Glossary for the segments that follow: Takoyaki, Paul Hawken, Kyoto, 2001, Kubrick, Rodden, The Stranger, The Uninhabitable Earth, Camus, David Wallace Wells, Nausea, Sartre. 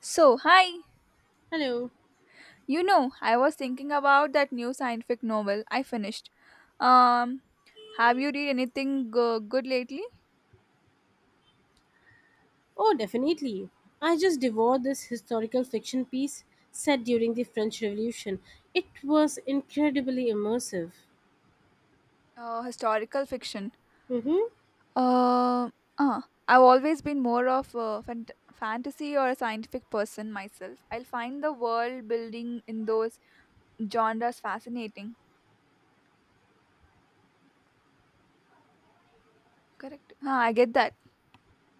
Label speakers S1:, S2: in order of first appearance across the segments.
S1: So, hi.
S2: Hello.
S1: You know, I was thinking about that new scientific novel I finished. Um, have you read anything good lately?
S2: Oh, definitely. I just devoured this historical fiction piece set during the French Revolution. It was incredibly immersive.
S1: Historical fiction.
S2: Mm-hmm.
S1: Uh, uh, I've always been more of a fantasy or a scientific person myself. I'll find the world building in those genres fascinating. Correct. Ah, I get that.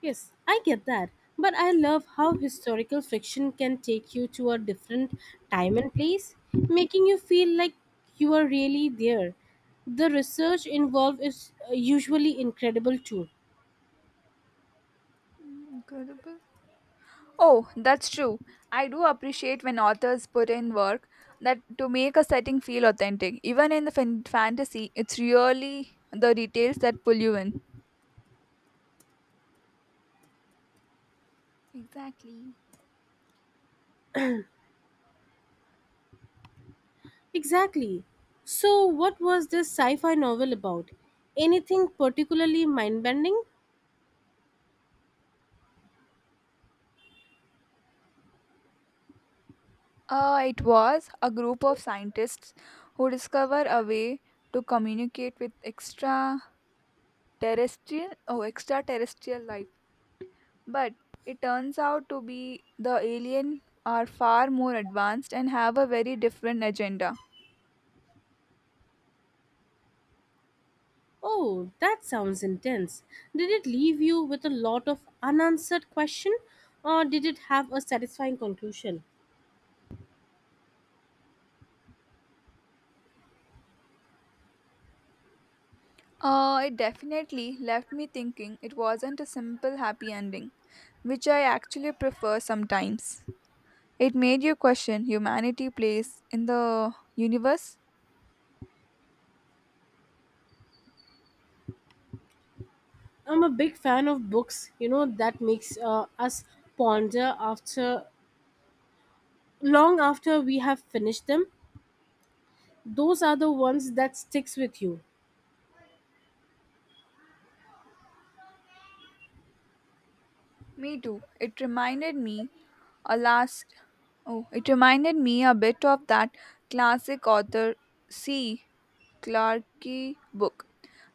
S2: Yes, I get that. But I love how historical fiction can take you to a different time and place, making you feel like you are really there. The research involved is usually incredible too.
S1: Mm, incredible. Oh, that's true. I do appreciate when authors put in work that to make a setting feel authentic. Even in the fantasy, it's really the details that pull you in. Exactly.
S2: Exactly. So, what was this sci fi novel about? Anything particularly mind bending?
S1: It was a group of scientists who discover a way to communicate with extraterrestrial oh extraterrestrial life. But it turns out to be the alien are far more advanced and have a very different agenda.
S2: Oh, that sounds intense. Did it leave you with a lot of unanswered question, or did it have a satisfying conclusion?
S1: It definitely left me thinking it wasn't a simple happy ending, which I actually prefer sometimes. It made you question humanity place in the universe.
S2: I'm a big fan of books, you know, that makes us ponder after long after we have finished them. Those are the ones that sticks with you.
S1: Me too. It reminded me a last oh, it reminded me a bit of that classic author C. Clarke book,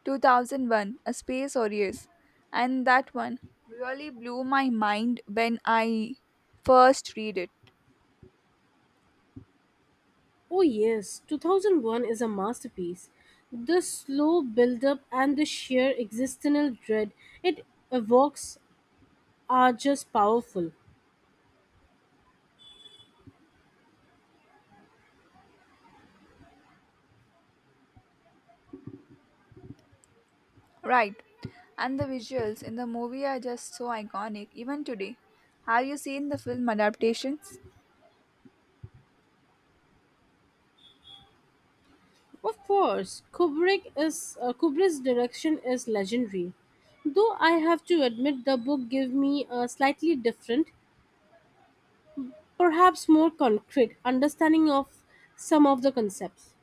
S1: 2001: A Space Odyssey, and that one really blew my mind when I first read it.
S2: Oh yes, 2001 is a masterpiece. The slow build-up and the sheer existential dread it evokes are just powerful.
S1: Right. And the visuals in the movie are just so iconic, even today. Have you seen the film adaptations?
S2: Of course, Kubrick's direction is legendary. Though I have to admit the book gave me a slightly different, perhaps more concrete understanding of some of the concepts.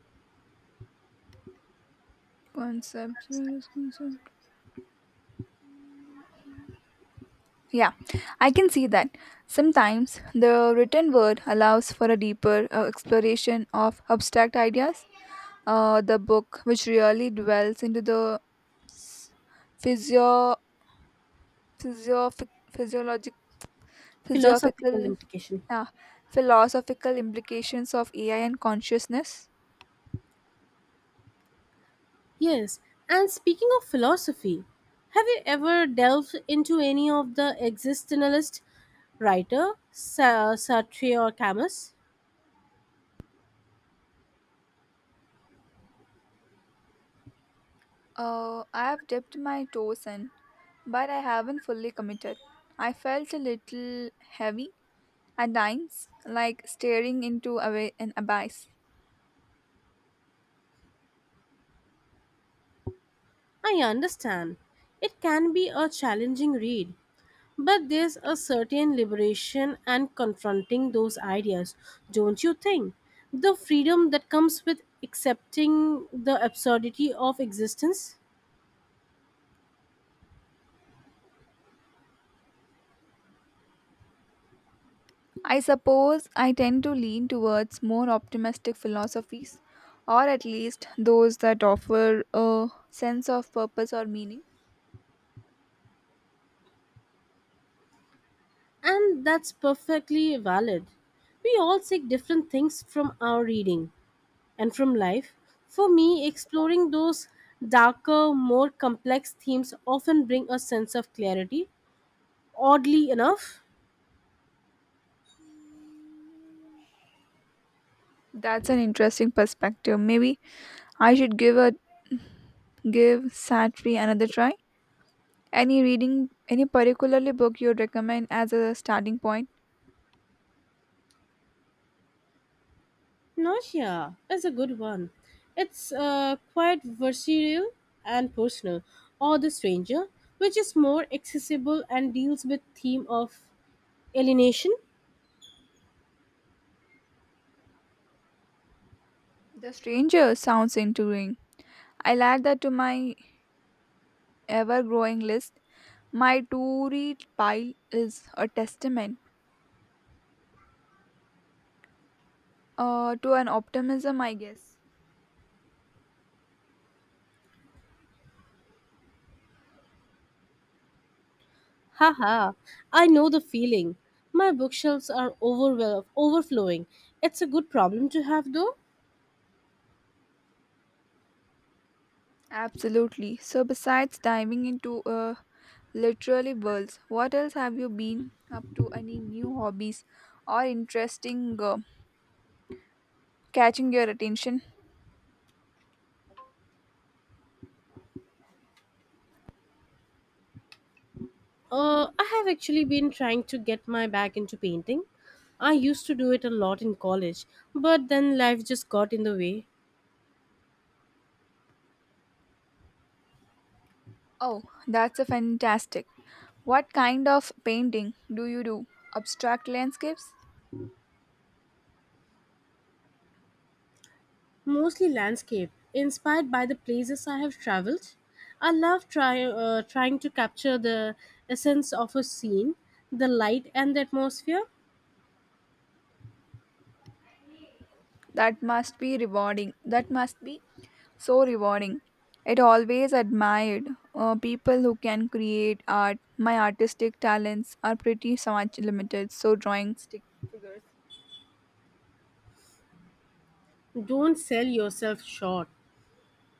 S1: Concepts, where is concept? Yeah, I can see that. Sometimes the written word allows for a deeper exploration of abstract ideas. The book, which really dwells into the s- physio, physio, physiologic,
S2: Philosophical
S1: physiophical,
S2: implication.
S1: yeah, philosophical implications of AI and consciousness.
S2: Yes, and speaking of philosophy, have you ever delved into any of the existentialist Sartre or Camus?
S1: I have dipped my toes in, but I haven't fully committed. I felt a little heavy at times, like staring into a an abyss.
S2: I understand. It can be a challenging read, but there's a certain liberation and confronting those ideas, don't you think? The freedom that comes with accepting the absurdity of existence?
S1: I suppose I tend to lean towards more optimistic philosophies, or at least those that offer a sense of purpose or meaning.
S2: And that's perfectly valid. We all seek different things from our reading and from life. For me, exploring those darker, more complex themes often bring a sense of clarity, oddly enough.
S1: That's an interesting perspective. Maybe I should give Satri another try. Any reading, any particularly book you'd recommend as a starting point?
S2: Nausea is a good one. It's quite versatile and personal. Or The Stranger, which is more accessible and deals with theme of alienation.
S1: The Stranger sounds intriguing. I'll add that to my ever growing list. My to read pile is a testament to an optimism, I guess.
S2: Haha, I know the feeling. My bookshelves are overflowing. It's a good problem to have though.
S1: Absolutely. So, besides diving into literary worlds, what else have you been up to? Any new hobbies or interesting catching your attention?
S2: I have actually been trying to get my back into painting. I used to do it a lot in college, but then life just got in the way.
S1: Oh, that's a fantastic. What kind of painting do you do? Abstract landscapes?
S2: Mostly landscape, inspired by the places I have traveled. I love trying to capture the essence of a scene, the light and the atmosphere.
S1: That must be so rewarding. It always admired people who can create art. My artistic talents are pretty so much limited, so drawing stick.
S2: Don't sell yourself short.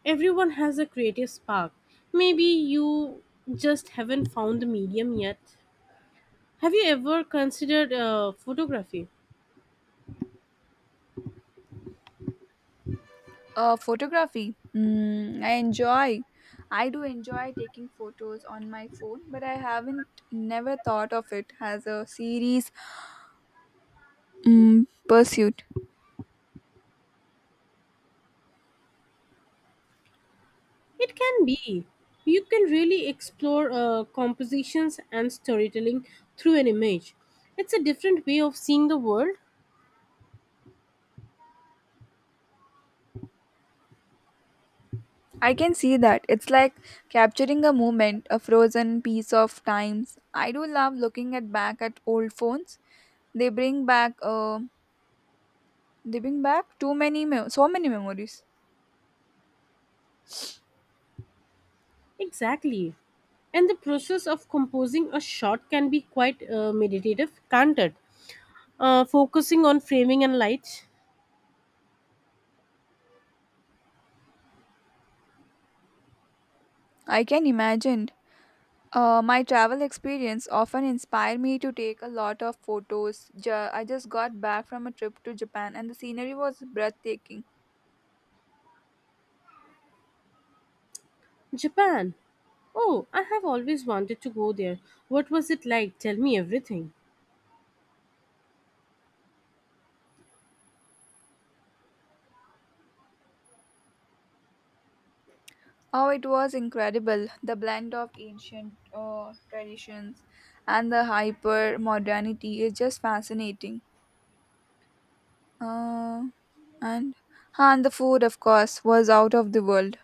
S2: Everyone has a creative spark. Maybe you just haven't found the medium yet. Have you ever considered photography?
S1: Photography. I do enjoy taking photos on my phone, but I haven't never thought of it as a series pursuit.
S2: It can be. You can really explore compositions and storytelling through an image. It's a different way of seeing the world.
S1: I can see that. It's like capturing a moment, a frozen piece of times. I do love looking at back at old phones. They bring back uh they bring back so many memories.
S2: Exactly. And the process of composing a shot can be quite meditative, can't it? Focusing on framing and lights.
S1: I can imagine. My travel experience often inspired me to take a lot of photos. I just got back from a trip to Japan and the scenery was breathtaking.
S2: Japan. Oh, I have always wanted to go there. What was it like? Tell me everything.
S1: Oh, it was incredible. The blend of ancient traditions and the hyper modernity is just fascinating. Uh, and, and the food, of course, was out of the world.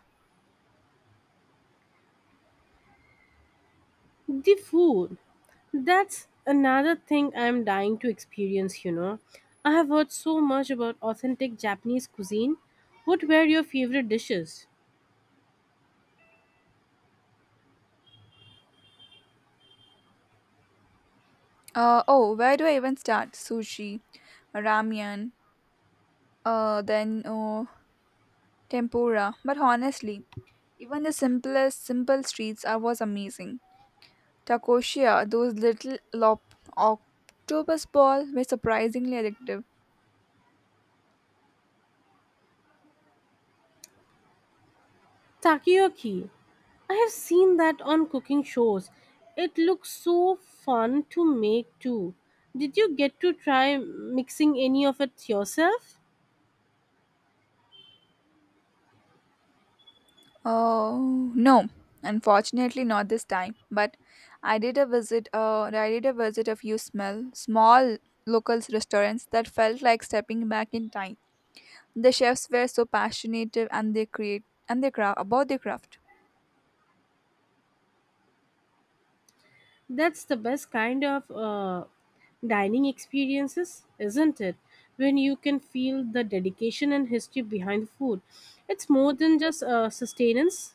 S2: The food. That's another thing I'm dying to experience, you know. I have heard so much about authentic Japanese cuisine. What were your favorite dishes?
S1: Oh, where do I even start? Sushi, ramyun, then tempura. But honestly, even the simple streets are, was amazing. Takoshia, those little octopus balls were surprisingly addictive.
S2: Takoyaki. I have seen that on cooking shows. It looks so fun to make too. Did you get to try mixing any of it yourself?
S1: Oh no, unfortunately not this time. But I did a visit a few small local restaurants that felt like stepping back in time. The chefs were so passionate and they create and they craft about their craft.
S2: That's the best kind of dining experiences, isn't it? When you can feel the dedication and history behind the food. It's more than just sustenance.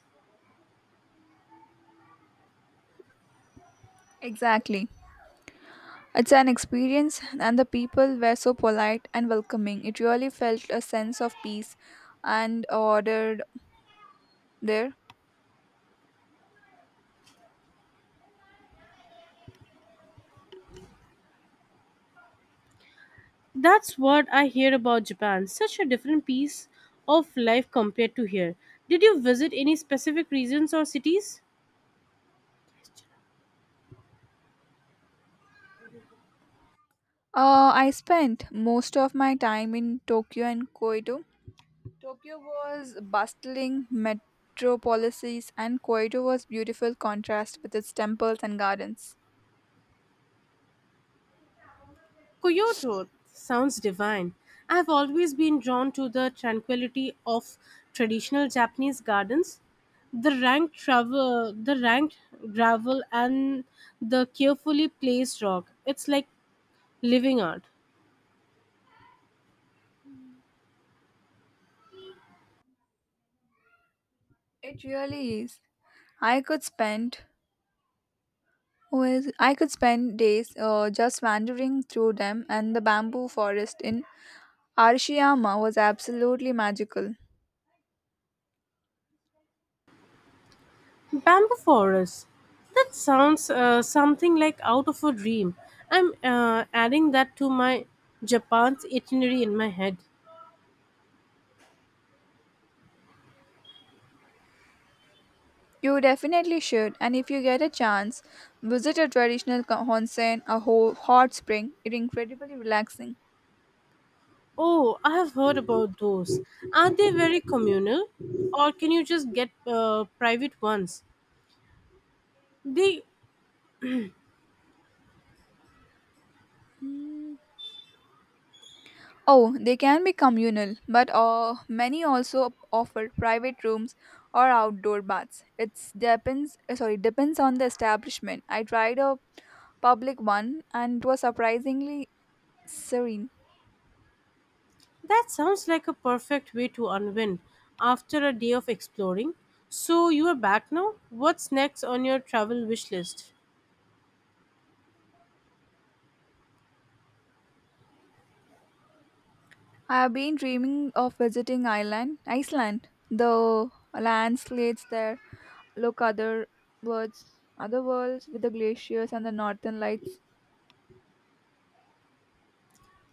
S1: Exactly. It's an experience, and the people were so polite and welcoming. It really felt a sense of peace and ordered there.
S2: That's what I hear about Japan. Such a different piece of life compared to here. Did you visit any specific regions or cities?
S1: I spent most of my time in Tokyo and Kyoto. Tokyo was bustling metropolises and Kyoto was beautiful contrast with its temples and gardens.
S2: Kyoto sounds divine. I have always been drawn to the tranquility of traditional Japanese gardens, the rank travel, the ranked gravel, and the carefully placed rock. It's like living art.
S1: It really is. I could spend I could spend days just wandering through them and the bamboo forest in Arashiyama was absolutely magical.
S2: Bamboo forest. That sounds something like out of a dream. I'm adding that to my Japan's itinerary in my head.
S1: You definitely should and if you get a chance visit a traditional onsen a hot spring. It's incredibly relaxing.
S2: Oh, I have heard about those. Are they very communal, or can you just get private ones? They
S1: Mm, oh, they can be communal, but many also offer private rooms or outdoor baths. It depends. Sorry, depends on the establishment. I tried a public one, and it was surprisingly serene.
S2: that sounds like a perfect way to unwind after a day of exploring. So you are back now. What's next on your travel wish list?
S1: I have been dreaming of visiting Ireland, Iceland. The landscapes there look other worlds with the glaciers and the northern lights.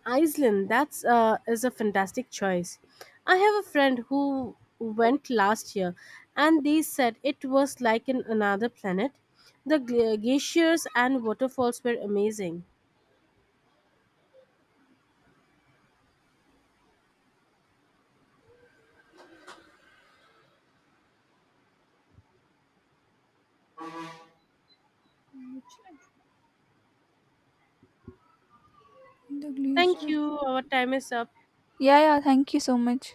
S2: Iceland, that's is a fantastic choice. I have a friend who went last year, and they said it was like in another planet. The glaciers and waterfalls were amazing.
S1: The
S2: Thank
S1: glaciers.
S2: you. Our time is up.
S1: Yeah, yeah. Thank you so much.